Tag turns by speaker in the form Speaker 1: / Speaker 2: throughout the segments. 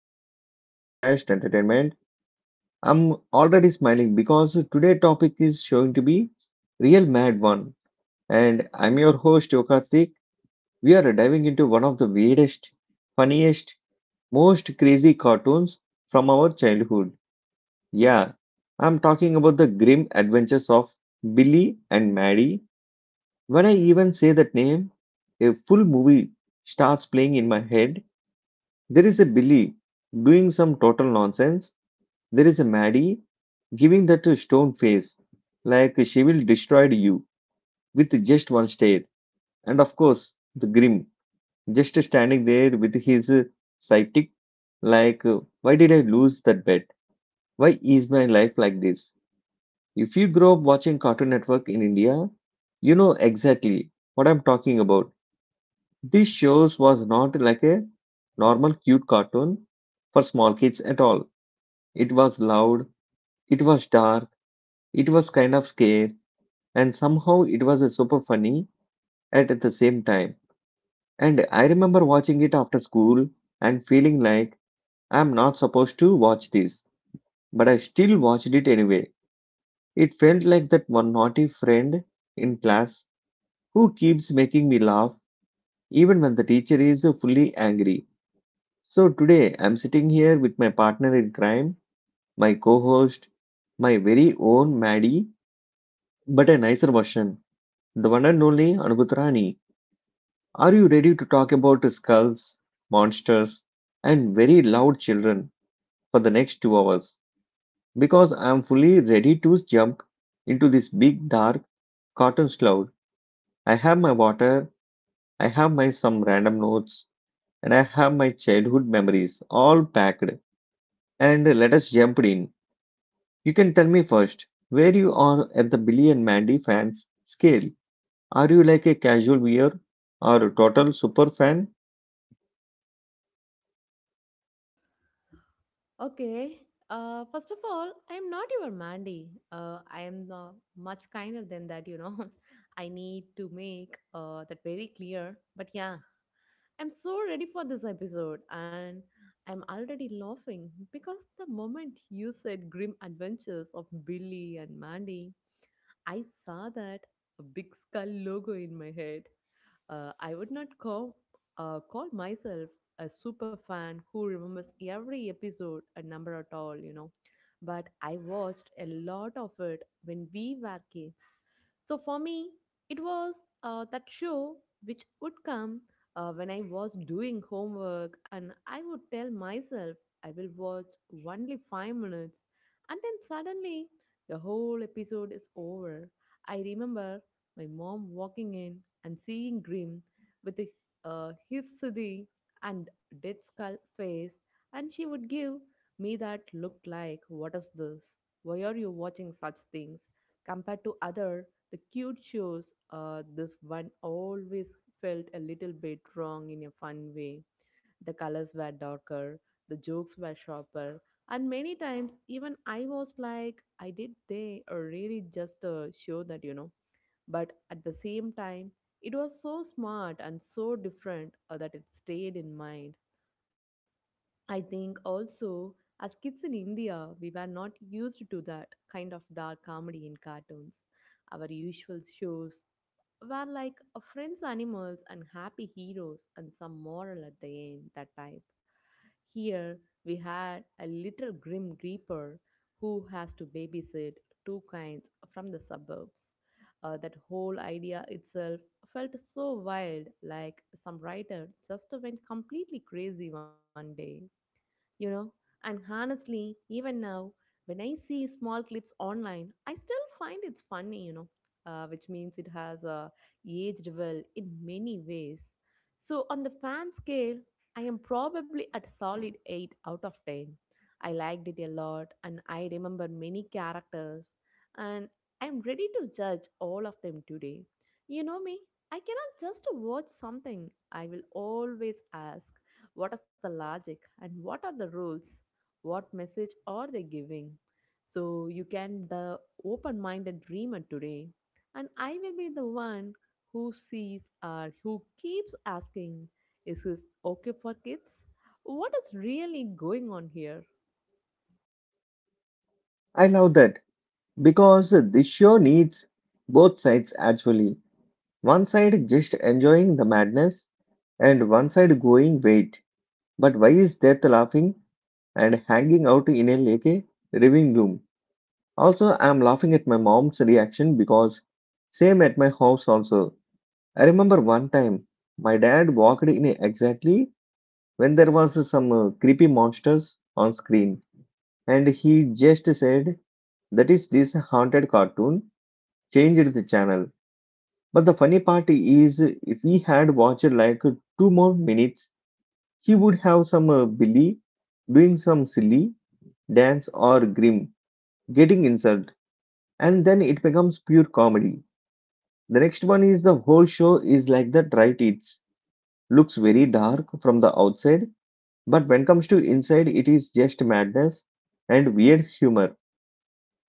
Speaker 1: episode of our podcast Entertainment. I'm already smiling because today topic is showing to be real mad one, and I'm your host Yokarthik. We are diving into one of the weirdest, funniest, most crazy cartoons from our childhood. Yeah, I'm talking about the grim adventures of Billy and Maddie. When I even say that name, a full movie starts playing in my head. There is a Billy doing some total nonsense. There is a Maddie giving that stone face, like she will destroy you with just one stare. And of course, the Grim just standing there with his psychic, like, why did I lose that bet? Why is my life like this? If you grow up watching Cartoon Network in India, you know exactly what I'm talking about. This shows was not like a normal cute cartoon for small kids at all. It was loud, it was dark, it was kind of scary, and somehow it was super funny at the same time. And I remember watching it after school and feeling like I'm not supposed to watch this, but I still watched it anyway. It felt like that one naughty friend in class who keeps making me laugh even when the teacher is fully angry. So today I'm sitting here with my partner in crime, my co host, my very own Maddie, but a nicer version. The one and only Anubutrani. Are you ready to talk about skulls, monsters, and very loud children for the next 2 hours? Because I am fully ready to jump into this big dark cotton cloud. I have my water, I have my some random notes, and I have my childhood memories all packed. And let us jump in. You can tell me first where you are at the Billy and Mandy fans scale. Are you like a casual viewer or a total super fan?
Speaker 2: Okay. First of all, I am not your Mandy. I am much kinder than that, you know. I need to make that very clear. But yeah, I'm so ready for this episode and I'm already laughing because the moment you said grim adventures of Billy and Mandy, I saw that a big skull logo in my head. I would not call, call myself a super fan who remembers every episode, a number at all, you know. But I watched a lot of it when we were kids. So for me, it was that show which would come when I was doing homework, and I would tell myself I will watch only 5 minutes, and then suddenly the whole episode is over. I remember my mom walking in and seeing Grim with the, his Siddhi and dead skull face, and she would give me that look like, "What is this? Why are you watching such things?" Compared to other, the cute shows, this one always felt a little bit wrong in a fun way. The colors were darker, the jokes were sharper, and many times even I was like, I did they or really just a show that you know but at the same time, it was so smart and so different that it stayed in mind. I think also, as kids in India, we were not used to that kind of dark comedy in cartoons. Our usual shows were like a friends animals and happy heroes and some moral at the end that type here we had a little grim reaper who has to babysit two kinds from the suburbs. That whole idea itself felt so wild like some writer just went completely crazy one day, you know. And honestly, even now when I see small clips online I still find it's funny, you know, which means it has aged well in many ways. So on the fan scale I am probably at solid 8 out of 10. I liked it a lot and I remember many characters, and I'm ready to judge all of them today. You know me, I cannot just watch something, I will always ask, what is the logic and what are the rules? What message are they giving? So you can the open-minded dreamer today, and I will be the one who sees or who keeps asking, is this okay for kids? What is really going on here?
Speaker 1: I love that. Because this show needs both sides actually. One side just enjoying the madness and one side going, wait, but why is death laughing and hanging out in a lake living room? Also, I'm laughing at my mom's reaction because same at my house also. I remember one time my dad walked in exactly when there was some creepy monsters on screen and he just said that is this haunted cartoon, changed the channel. But the funny part is, if he had watched like two more minutes, he would have some Billy doing some silly dance or Grim getting insulted, and then it becomes pure comedy. The next one is the whole show is like that, right? It looks very dark from the outside, but when comes to inside, it is just madness and weird humor.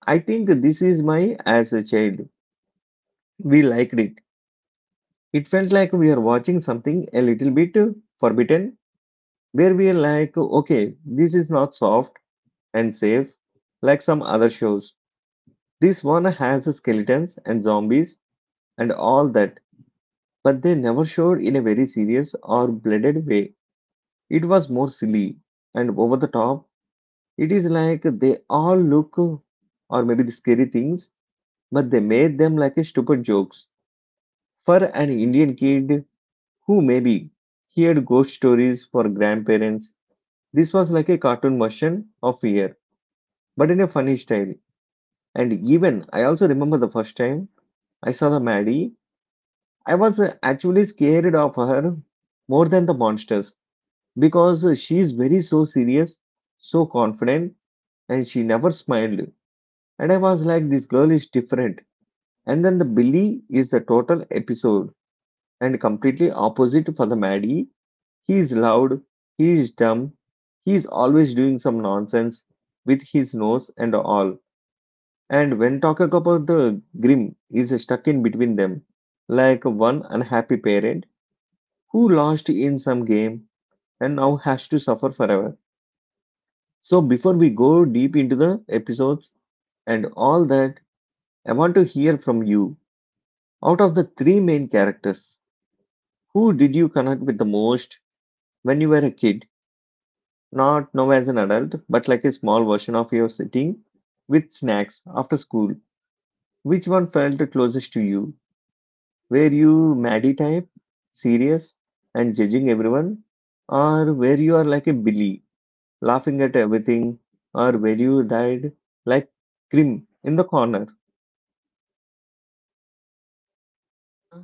Speaker 1: I think this is my as a child. We liked it. It felt like we are watching something a little bit forbidden where we are like, okay, this is not soft and safe like some other shows. This one has skeletons and zombies and all that, but they never showed in a very serious or blooded way. It was more silly and over the top. It is like they all look or maybe the scary things, but they made them like a stupid jokes for an Indian kid who maybe heard ghost stories for grandparents. This was like a cartoon version of fear but in a funny style. And even I also remember the first time I saw the Maddie, I was actually scared of her more than the monsters because she is very so serious, so confident, and she never smiled. And I was like, this girl is different. And then the Billy is the total episode and completely opposite for the Maddie. He is loud, he is dumb, he is always doing some nonsense with his nose and all. And when talking about the grim, is stuck in between them, like one unhappy parent who lost in some game and now has to suffer forever. So before we go deep into the episodes and all that, I want to hear from you. Out of the three main characters, who did you connect with the most when you were a kid? Not now as an adult, but like a small version of your sitting with snacks after school. Which one felt closest to you? Were you Maddie type, serious and judging everyone? Or were you are like a Billy, laughing at everything? Or were you died like Krim in the corner?
Speaker 2: Yeah,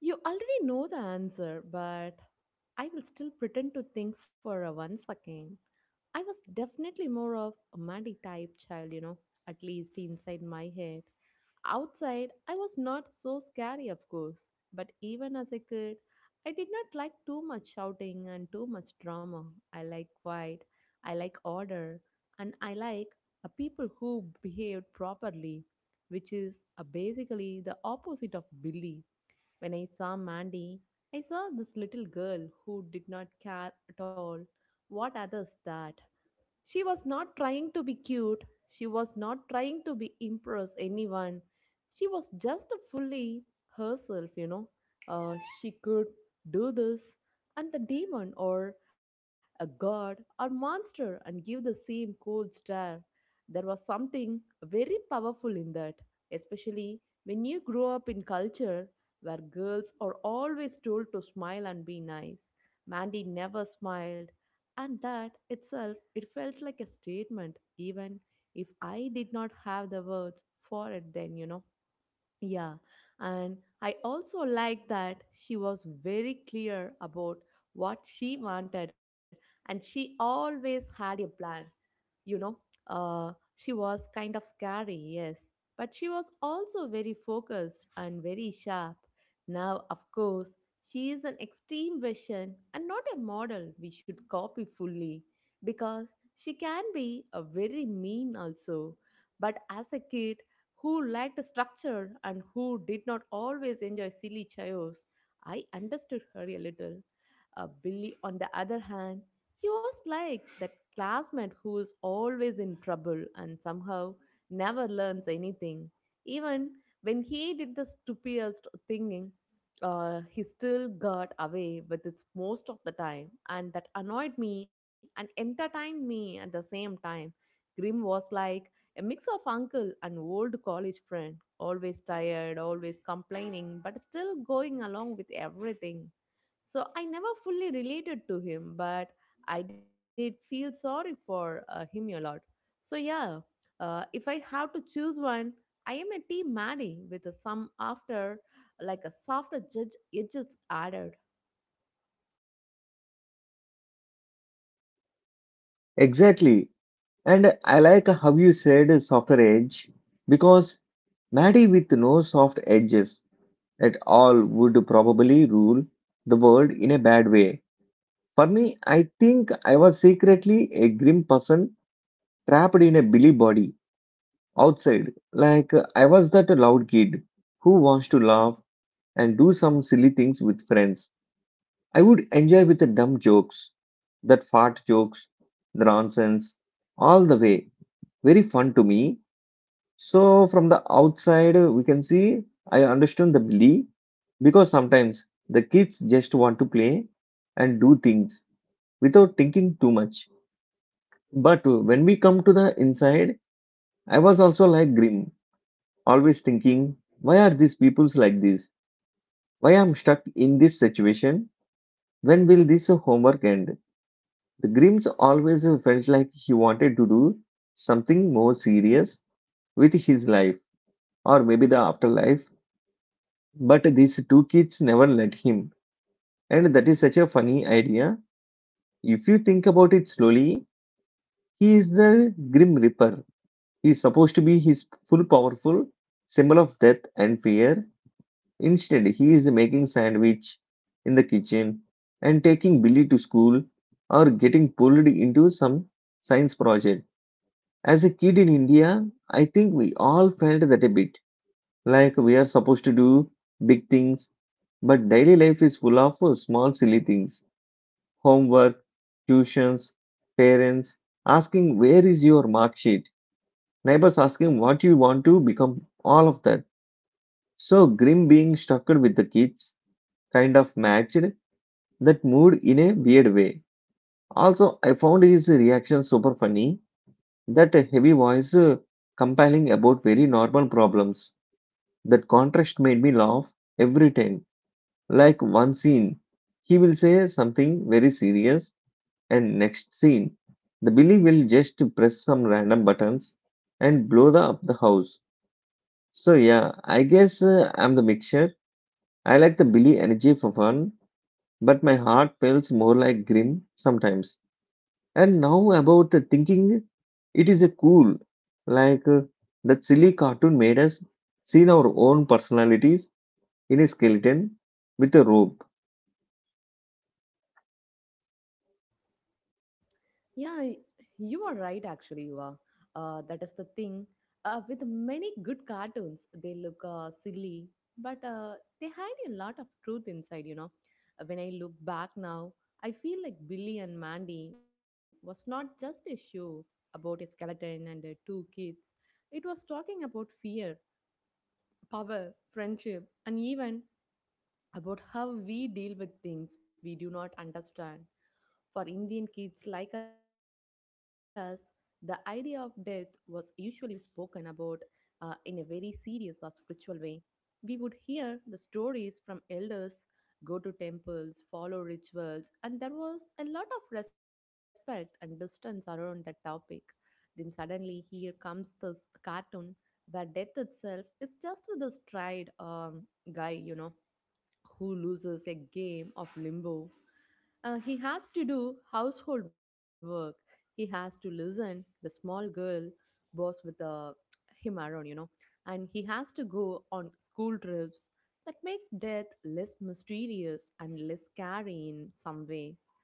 Speaker 2: you already know the answer, but I will still pretend to think for a one second. I was definitely more of a Maddie type child, you know, at least inside my head. Outside, I was not so scary, of course, but even as a kid, I did not like too much shouting and too much drama. I like quiet, I like order, and I like a people who behaved properly, which is basically the opposite of Billy. When I saw Mandy, I saw this little girl who did not care at all what others thought. She was not trying to be cute. She was not trying to be impress anyone. She was just fully herself, you know. Uh, she could do this, and the demon or a god or monster and give the same cold stare. There was something very powerful in that, especially when you grow up in culture where girls are always told to smile and be nice. Mandy never smiled. And that itself, it felt like a statement, even if I did not have the words for it then, you know. Yeah. And I also liked that she was very clear about what she wanted and she always had a plan, you know. uh, she was kind of scary, yes, but she was also very focused and very sharp. Now of course she is an extreme version and not a model we should copy fully because she can be a very mean also. But as a kid who liked structure and who did not always enjoy silly chaos, I understood her a little. Billy, on the other hand, he was like that classmate who is always in trouble and somehow never learns anything. Even when he did the stupidest thing, he still got away with it most of the time, and that annoyed me and entertained me at the same time. Grim was like a mix of uncle and old college friend, always tired, always complaining, but still going along with everything. So I never fully related to him, but I did feel sorry for him a lot. So, yeah, if I have to choose one, I am a team Maddie with a some after, like a softer judge edges added.
Speaker 1: Exactly. And I like how you said softer edge because Maddie with no soft edges at all would probably rule the world in a bad way. For me, I think I was secretly a grim person trapped in a Billy body. Outside. Like I was that loud kid who wants to laugh and do some silly things with friends. I would enjoy with the dumb jokes, that fart jokes, the nonsense, all the way. Very fun to me. So from the outside, we can see I understand the Billy, because sometimes the kids just want to play and do things without thinking too much. But when we come to the inside, I was also like grim always thinking, why are these peoples like this? Why I'm stuck in this situation? When will this homework end? The Grimms always felt like he wanted to do something more serious with his life or maybe the afterlife, but these two kids never let him. And that is such a funny idea. If you think about it slowly, he is the Grim Reaper. He is supposed to be his full powerful symbol of death and fear. Instead, he is making sandwich in the kitchen and taking Billy to school or getting pulled into some science project. As a kid in India, I think we all felt that a bit like we are supposed to do big things, but daily life is full of small silly things. Homework, tuitions, parents asking where is your mark sheet, neighbors asking what you want to become, all of that. So Grim being stuck with the kids kind of matched that mood in a weird way. Also, I found his reaction super funny. That heavy voice compelling about very normal problems. That contrast made me laugh every time. Like one scene, he will say something very serious, and next scene, the Billy will just press some random buttons and blow the, up the house. So yeah, I guess I'm the mixture. I like the Billy energy for fun, but my heart feels more like Grim sometimes. And now about the thinking, it is a cool, like that silly cartoon made us seen our own personalities in a skeleton with a rope.
Speaker 2: Yeah, you are right, actually, you are. That is the thing. With many good cartoons, they look silly, but they hide a lot of truth inside, you know. When I look back now, I feel like Billy and Mandy was not just a show about a skeleton and two kids. It was talking about fear, power, friendship, and even about how we deal with things we do not understand. For Indian kids like us, the idea of death was usually spoken about in a very serious or spiritual way. We would hear the stories from elders, go to temples, follow rituals, and there was a lot of respect and distance around that topic. Then suddenly, here comes this cartoon where death itself is just this tried guy, you know, who loses a game of limbo he has to do household work. He has to listen the small girl boss with him around, you know, and he has to go on school trips. That makes death less mysterious and less scary in some ways.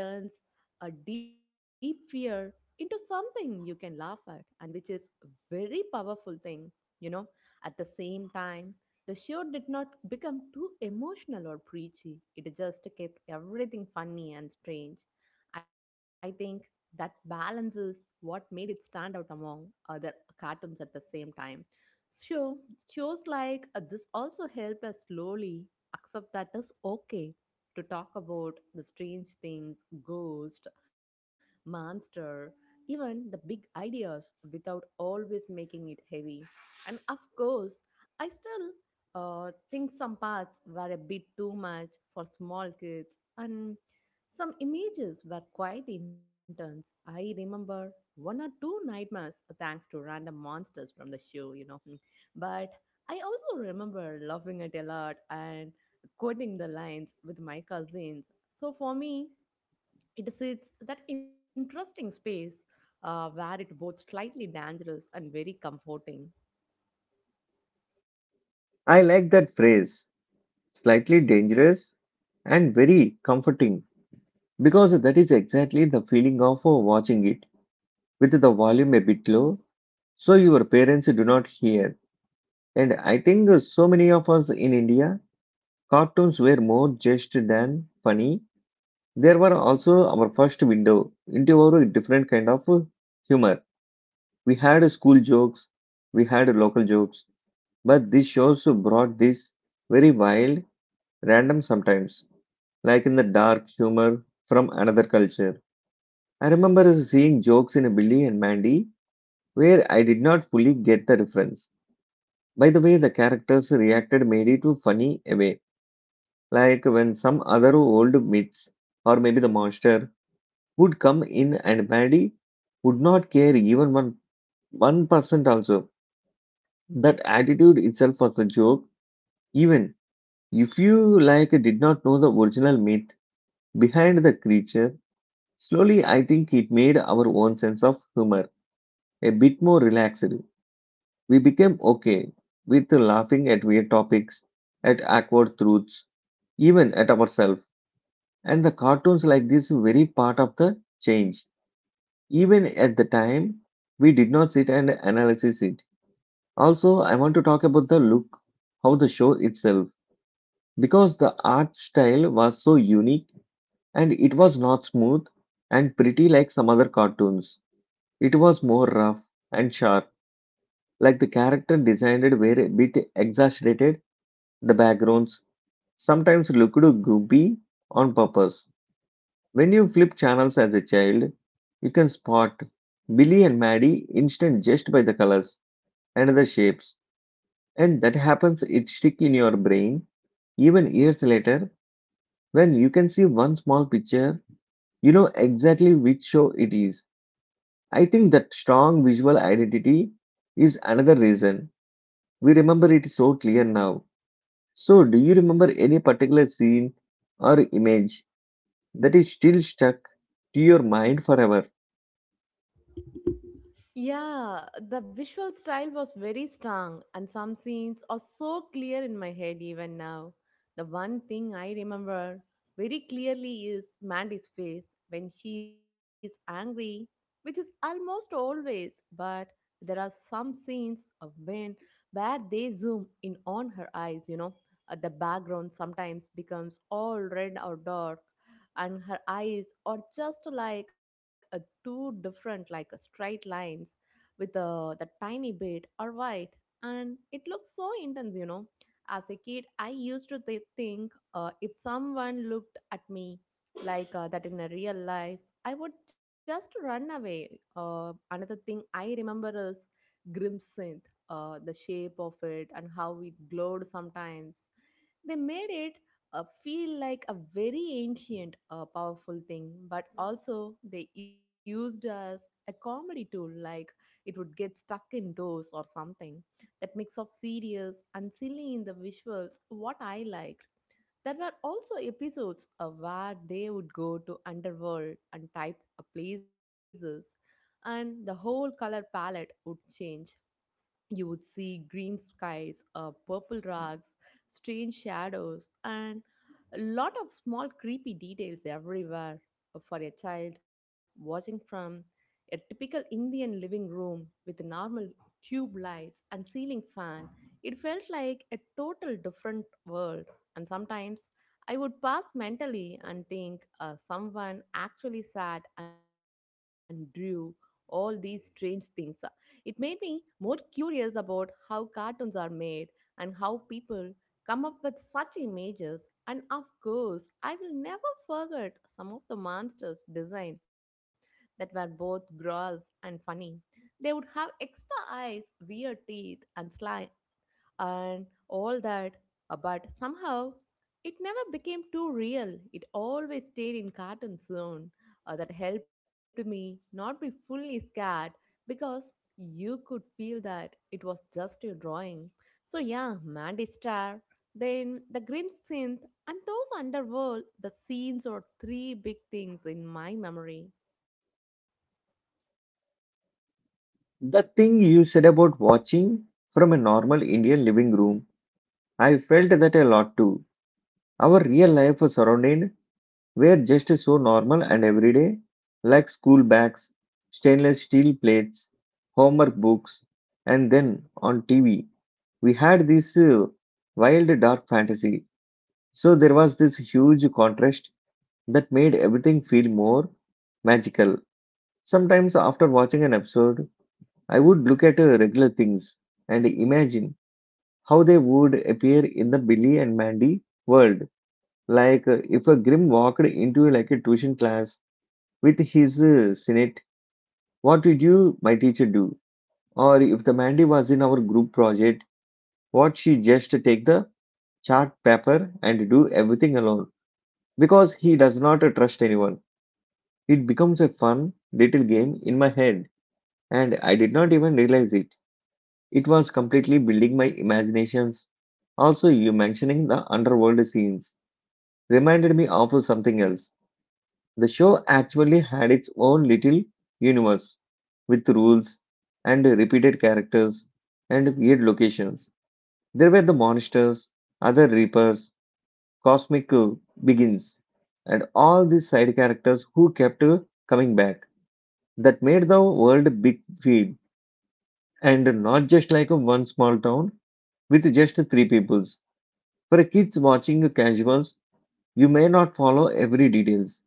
Speaker 2: It turns a deep fear into something you can laugh at, and which is very powerful thing, you know. At the same time, the show did not become too emotional or preachy. It just kept everything funny and strange. I think that balance is what made it stand out among other cartoons at the same time. So, shows like this also helped us slowly accept that it's okay to talk about the strange things, ghost, monster, even the big ideas without always making it heavy. And of course, I still think some parts were a bit too much for small kids, and some images were quite intense. I remember one or two nightmares thanks to random monsters from the show, you know. Hmm. But I also remember laughing at a lot and quoting the lines with my cousins. So for me, it sits that interesting space where it both slightly dangerous and very comforting.
Speaker 1: I like that phrase, slightly dangerous and very comforting, because that is exactly the feeling of watching it with the volume a bit low, so your parents do not hear. And I think so many of us in India, cartoons were more just than funny. There were also our first window into our different kind of humor. We had school jokes, we had local jokes, but these shows brought this very wild, random sometimes, like in the dark humor from another culture. I remember seeing jokes in Billy and Mandy where I did not fully get the reference. By the way, the characters reacted made it funny away, like when some other old myths or maybe the monster would come in and Mandy would not care even one percent also. That attitude itself was a joke. Even if you like did not know the original myth behind the creature, slowly I think it made our own sense of humor a bit more relaxed. We became okay with laughing at weird topics, at awkward truths, even at ourselves. And the cartoons like this very part of the change. Even at the time, we did not sit and analyze it. Also, I want to talk about the look, how the show itself, because the art style was so unique and it was not smooth and pretty like some other cartoons. It was more rough and sharp, like the character designed were a bit exaggerated. The backgrounds sometimes looked goopy on purpose. When you flip channels as a child, you can spot Billy and Maddie instant just by the colors and the shapes. And that happens, it stick in your brain even years later when you can see one small picture, you know exactly which show it is. I think that strong visual identity is another reason we remember it so clear now. So, do you remember any particular scene or image that is still stuck to your mind forever?
Speaker 2: Yeah, the visual style was very strong, and some scenes are so clear in my head even now. The one thing I remember very clearly is Mandy's face when she is angry, which is almost always, but there are some scenes of when where they zoom in on her eyes, you know. The background sometimes becomes all red or dark, and her eyes are just like a two different, like a straight lines with the tiny bit are white and it looks so intense, you know. As a kid I used to think, if someone looked at me like that in a real life I would just run away. Another thing I remember is grimsynth, the shape of it and how it glowed sometimes. They made it feel like a very ancient powerful thing but also they used as a comedy tool like it would get stuck indoors or something. That mix of serious and silly in the visuals, what I liked. There were also episodes of where they would go to underworld and type of places, and the whole color palette would change. You would see green skies, purple rugs, strange shadows, and a lot of small creepy details everywhere. For a child watching from a typical Indian living room with normal tube lights and ceiling fan. It felt like a total different world, and sometimes I would pass mentally and think someone actually sat and drew all these strange things. It made me more curious about how cartoons are made and how people come up with such images. And of course, I will never forget some of the monsters' design that were both gross and funny. They would have extra eyes, weird teeth, and sly and all that. But somehow, it never became too real. It always stayed in cartoon zone. That helped me not be fully scared because you could feel that it was just a drawing. So yeah, Mandy Star, then the Grim Synth, and those underworld, the scenes are three big things in my memory.
Speaker 1: The thing you said about watching from a normal Indian living room, I felt that a lot too. Our real life was surrounded were just so normal and everyday, like school bags, stainless steel plates, homework books, and then on TV, we had this wild dark fantasy. So there was this huge contrast that made everything feel more magical. Sometimes, after watching an episode, I would look at regular things and imagine how they would appear in the Billy and Mandy world. Like if a Grimm walked into like a tuition class with his Senate, what did you, my teacher, do? Or if the Mandy was in our group project, what she just take the chart paper and do everything alone because he does not trust anyone. It becomes a fun little game in my head, and I did not even realize it. It was completely building my imaginations. Also, you mentioning the underworld scenes reminded me of something else. The show actually had its own little universe with rules and repeated characters and weird locations. There were the monsters, other reapers, cosmic begins, and all these side characters who kept coming back. That made the world big feel and not just like a one small town with just three peoples. For kids watching casuals, you may not follow every details,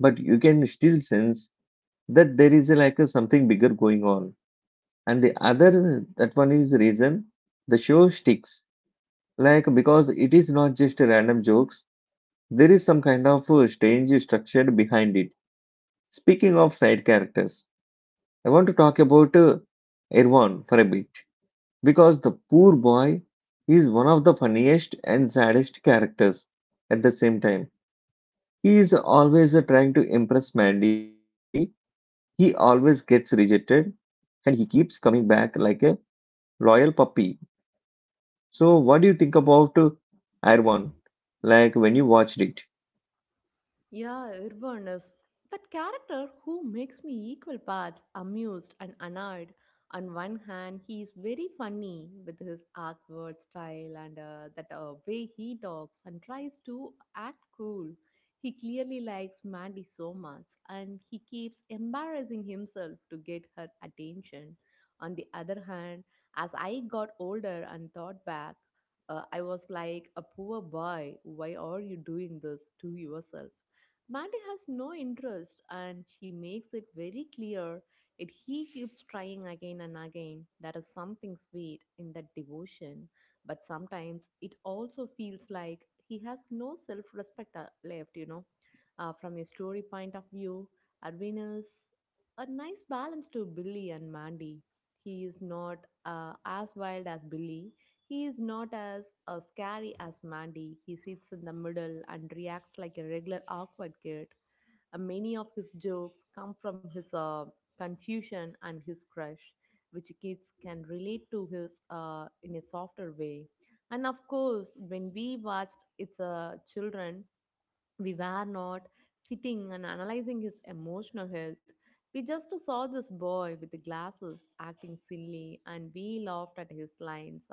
Speaker 1: but you can still sense that there is a, like a something bigger going on and the other that one is reason the show sticks like because it is not just a random jokes. There is some kind of strange structure behind it. Speaking of side characters, I want to talk about Erwan for a bit, because the poor boy is one of the funniest and saddest characters at the same time. He is always trying to impress mandy. He always gets rejected, and he keeps coming back like a Royal Puppy. So, what do you think about Irwan? Like when you watched it?
Speaker 2: Yeah, Urbanus. That character who makes me equal parts amused and annoyed. On one hand, he is very funny with his awkward style and that way he talks and tries to act cool. He clearly likes Mandy so much and he keeps embarrassing himself to get her attention. On the other hand, as I got older and thought back, I was like, a poor boy, why are you doing this to yourself? Mandy has no interest and she makes it very clear that he keeps trying again and again. There is something sweet in that devotion, but sometimes it also feels like he has no self respect left. From a story point of view, Arvin is a nice balance to Billy and Mandy. He is not as wild as Billy, he is not as scary as Mandy. He sits in the middle and reacts like a regular awkward kid. Many of his jokes come from his confusion and his crush, which kids can relate to his in a softer way. And of course, when we watched It's a Children, we were not sitting and analyzing his emotional health. We just saw this boy with the glasses acting silly and we laughed at his lines.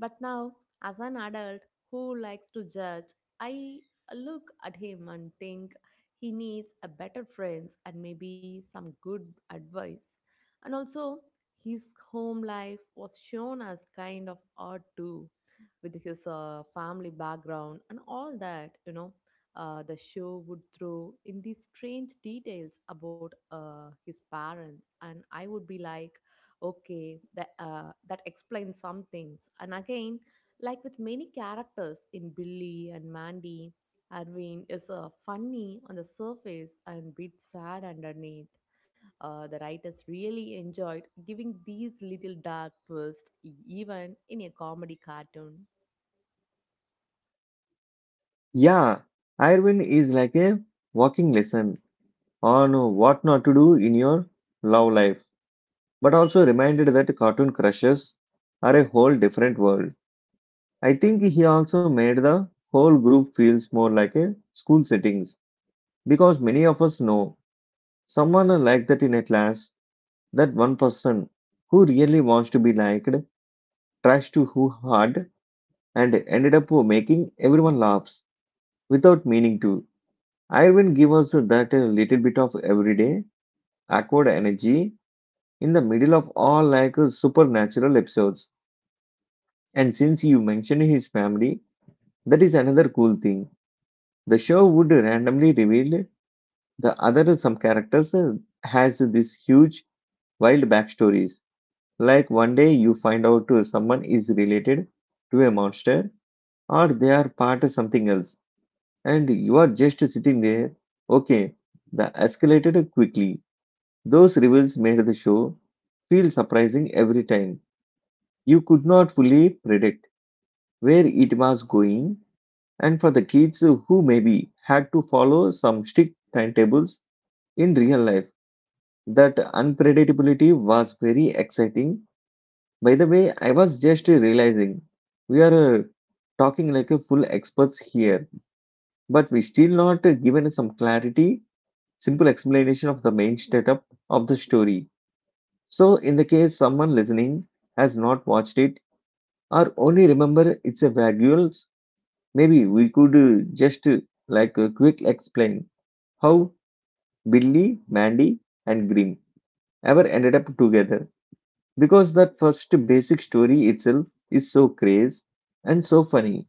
Speaker 2: But now, as an adult who likes to judge, I look at him and think he needs a better friends and maybe some good advice. And also, his home life was shown as kind of odd too, with his family background and all that, the show would throw in these strange details about his parents, and I would be like, okay, that explains some things. And again, like with many characters in Billy and Mandy, Arvind is funny on the surface and bit sad underneath. The writers really enjoyed giving these little dark twists, even in a comedy cartoon.
Speaker 1: Yeah, Irwin is like a walking lesson on what not to do in your love life, but also reminded that cartoon crushes are a whole different world. I think he also made the whole group feels more like a school settings because many of us know someone like that in a class, that one person who really wants to be liked tries to who hard and ended up making everyone laughs without meaning to. Irwin gave us that little bit of everyday awkward energy in the middle of all like supernatural episodes. And since you mentioned his family, that is another cool thing. The show would randomly reveal the other some characters has this huge wild backstories. Like one day you find out someone is related to a monster or they are part of something else and you are just sitting there. Okay, the escalated quickly. Those reveals made the show feel surprising every time. You could not fully predict where it was going, and for the kids who maybe had to follow some strict timetables in real life, that unpredictability was very exciting. By the way, I was just realizing we are talking like a full experts here, but we still not given some clarity simple explanation of the main setup of the story. So, in the case someone listening has not watched it or only remember it's a vagues, maybe we could just like quick explain how Billy, Mandy, and Grimm ever ended up together, because that first basic story itself is so crazy and so funny.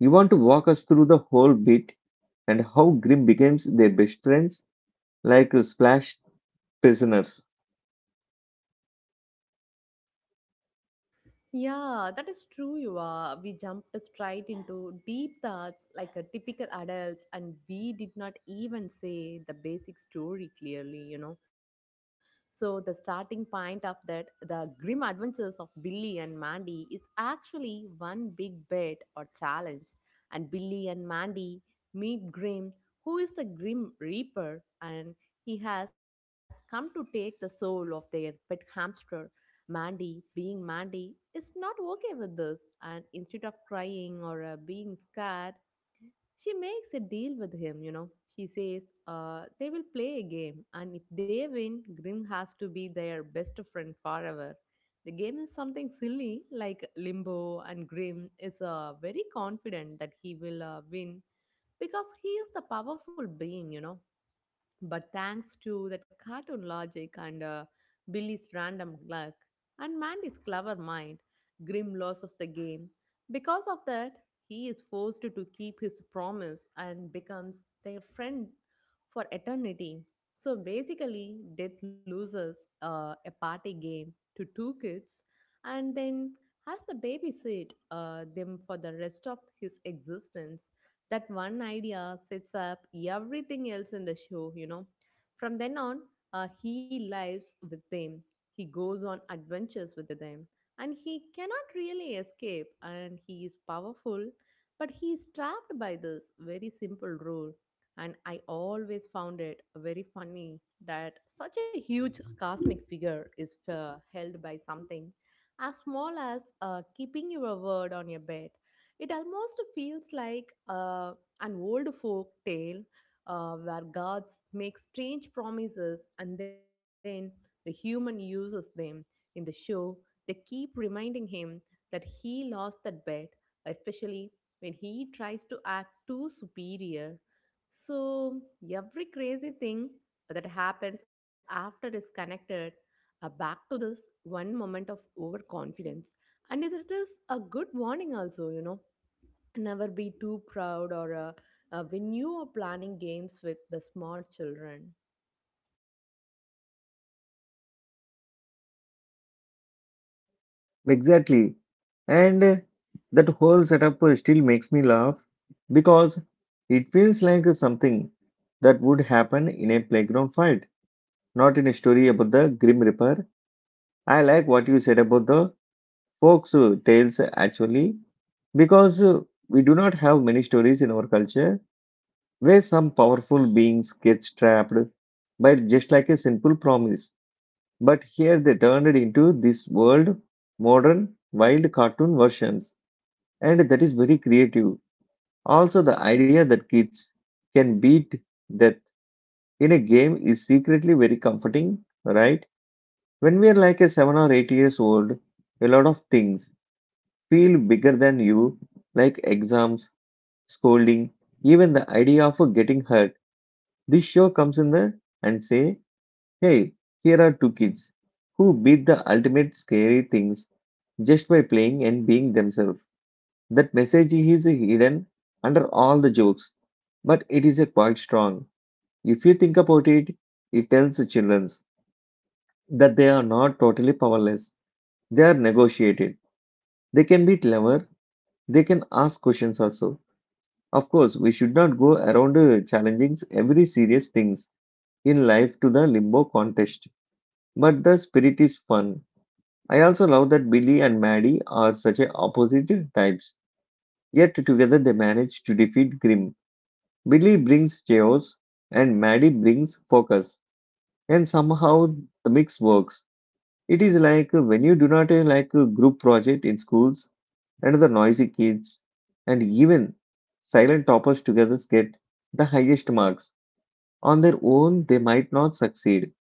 Speaker 1: You want to walk us through the whole bit and how Grimm becomes their best friends like splash prisoners.
Speaker 2: Yeah, that is true, you are. We jumped straight into deep thoughts like a typical adults, and we did not even say the basic story clearly, you know. So, the starting point of that, the grim adventures of Billy and Mandy, is actually one big bet or challenge. And Billy and Mandy meet Grim, who is the Grim Reaper, and he has come to take the soul of their pet hamster Mandy, being Mandy, is not okay with this, and instead of crying or being scared, she makes a deal with him. You know, she says they will play a game, and if they win, Grim has to be their best friend forever. The game is something silly like Limbo, and Grim is very confident that he will win because he is the powerful being, you know. But thanks to that cartoon logic and Billy's random luck and Mandy's clever mind, Grim loses the game. Because of that, he is forced to keep his promise and becomes their friend for eternity. So basically, Death loses a party game to two kids and then has the babysit them for the rest of his existence. That one idea sets up everything else in the show, you know. From then on, he lives with them, he goes on adventures with them, and he cannot really escape. And he is powerful, but he is trapped by this very simple rule. And I always found it very funny that such a huge cosmic figure is held by something as small as keeping your word on your bed. It almost feels like an old folk tale where gods make strange promises and then the human uses them. In the show, they keep reminding him that he lost that bet, especially when he tries to act too superior. So, every crazy thing that happens after is connected back to this one moment of overconfidence. And it is a good warning, also, you know never be too proud or when you are planning games with the smart children.
Speaker 1: Exactly. And that whole setup still makes me laugh because it feels like something that would happen in a playground fight, not in a story about the Grim Reaper. I like what you said about the folks' tales actually, because we do not have many stories in our culture where some powerful beings gets trapped by just like a simple promise. But here they turned it into this world modern wild cartoon versions, and that is very creative. Also, the idea that kids can beat death in a game is secretly very comforting, right? When we are like a 7 or 8 years old, a lot of things feel bigger than you, like exams, scolding, even the idea of getting hurt. This show comes in the and say, hey, here are two kids who beat the ultimate scary things just by playing and being themselves. That message is hidden under all the jokes, but it is a quite strong. If you think about it, it tells the children that they are not totally powerless. They are negotiated. They can be clever. They can ask questions also. Of course, we should not go around challenging every serious things in life to the limbo contest. But the spirit is fun. I also love that Billy and Maddie are such a opposite types. Yet together they manage to defeat Grim. Billy brings chaos and Maddie brings focus, and somehow the mix works. It is like when you do not like a group project in schools and the noisy kids and even silent toppers together get the highest marks. On their own, they might not succeed,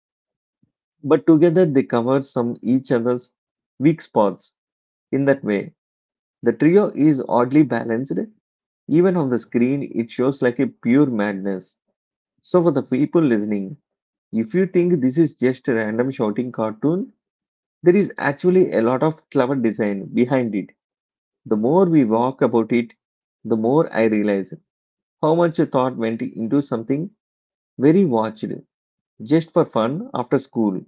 Speaker 1: but together they cover some each other's weak spots. In that way, the trio is oddly balanced. Even on the screen, it shows like a pure madness. So, for the people listening, if you think this is just a random shouting cartoon, there is actually a lot of clever design behind it. The more we walk about it, the more I realize how much thought went into something very watched just for fun after school.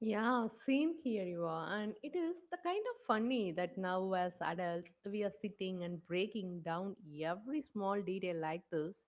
Speaker 2: Yeah, same here you are. And it is the kind of funny that now, as adults, we are sitting and breaking down every small detail like this.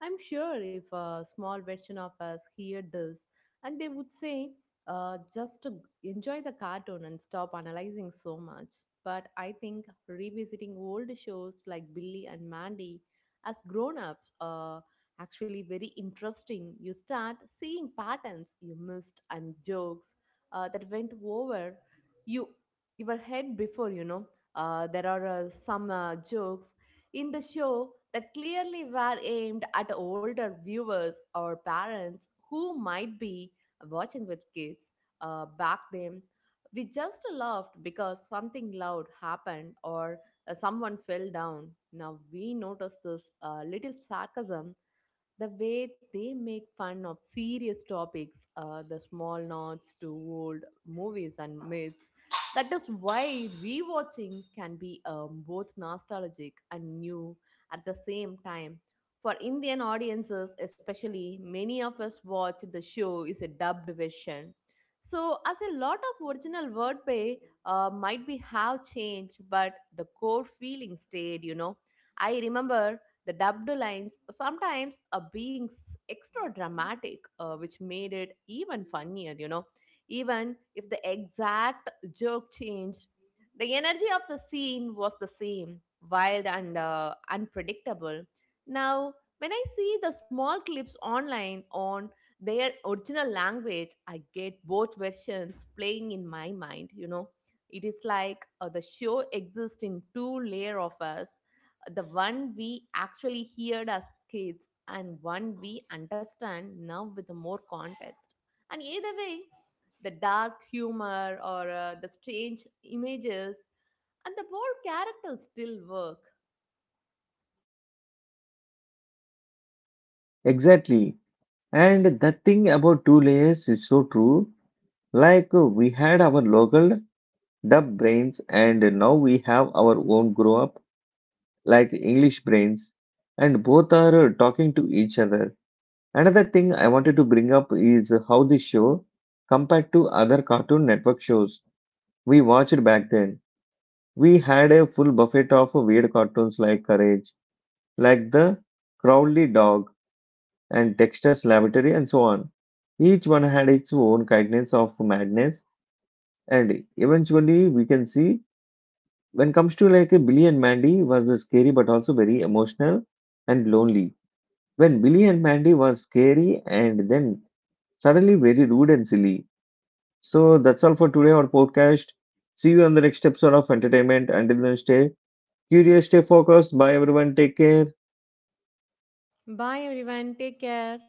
Speaker 2: I'm sure if a small version of us heard this, and they would say, just to enjoy the cartoon and stop analyzing so much. But I think revisiting old shows like Billy and Mandy as grown ups actually very interesting. You start seeing patterns you missed and jokes that went over you your head before you know there are some jokes in the show that clearly were aimed at older viewers or parents who might be watching with kids back then we just laughed because something loud happened or someone fell down now we notice this little sarcasm the way they make fun of serious topics, the small nods to old movies and myths. That is why rewatching can be both nostalgic and new at the same time. For Indian audiences, especially, many of us watch the show is a dubbed version. So, as a lot of original wordplay might be have changed, but the core feeling stayed. You know, I remember the dubbed lines sometimes are being extra dramatic, which made it even funnier, you know. Even if the exact joke changed, the energy of the scene was the same, wild and unpredictable. Now, when I see the small clips online on their original language, I get both versions playing in my mind, you know. It is like the show exists in two layer of us the one we actually heard as kids and one we understand now with more context. And either way, the dark humor or the strange images and the bold characters still work.
Speaker 1: Exactly. And that thing about two layers is so true. Like we had our local dub brains and now we have our own grow up like English brains and both are talking to each other. Another thing I wanted to bring up is how this show, compared to other Cartoon Network shows we watched back then, we had a full buffet of weird cartoons like Courage, like the Crowley Dog and Dexter's Laboratory, and so on. Each one had its own kindness of madness, and eventually we can see when comes to like Billy and Mandy was scary but also very emotional and lonely. When Billy and Mandy was scary and then suddenly very rude and silly. So that's all for today on podcast. See you on the next episode of entertainment. Until then, stay curious, stay focused. Bye, everyone. Take care.
Speaker 2: Bye everyone, take care.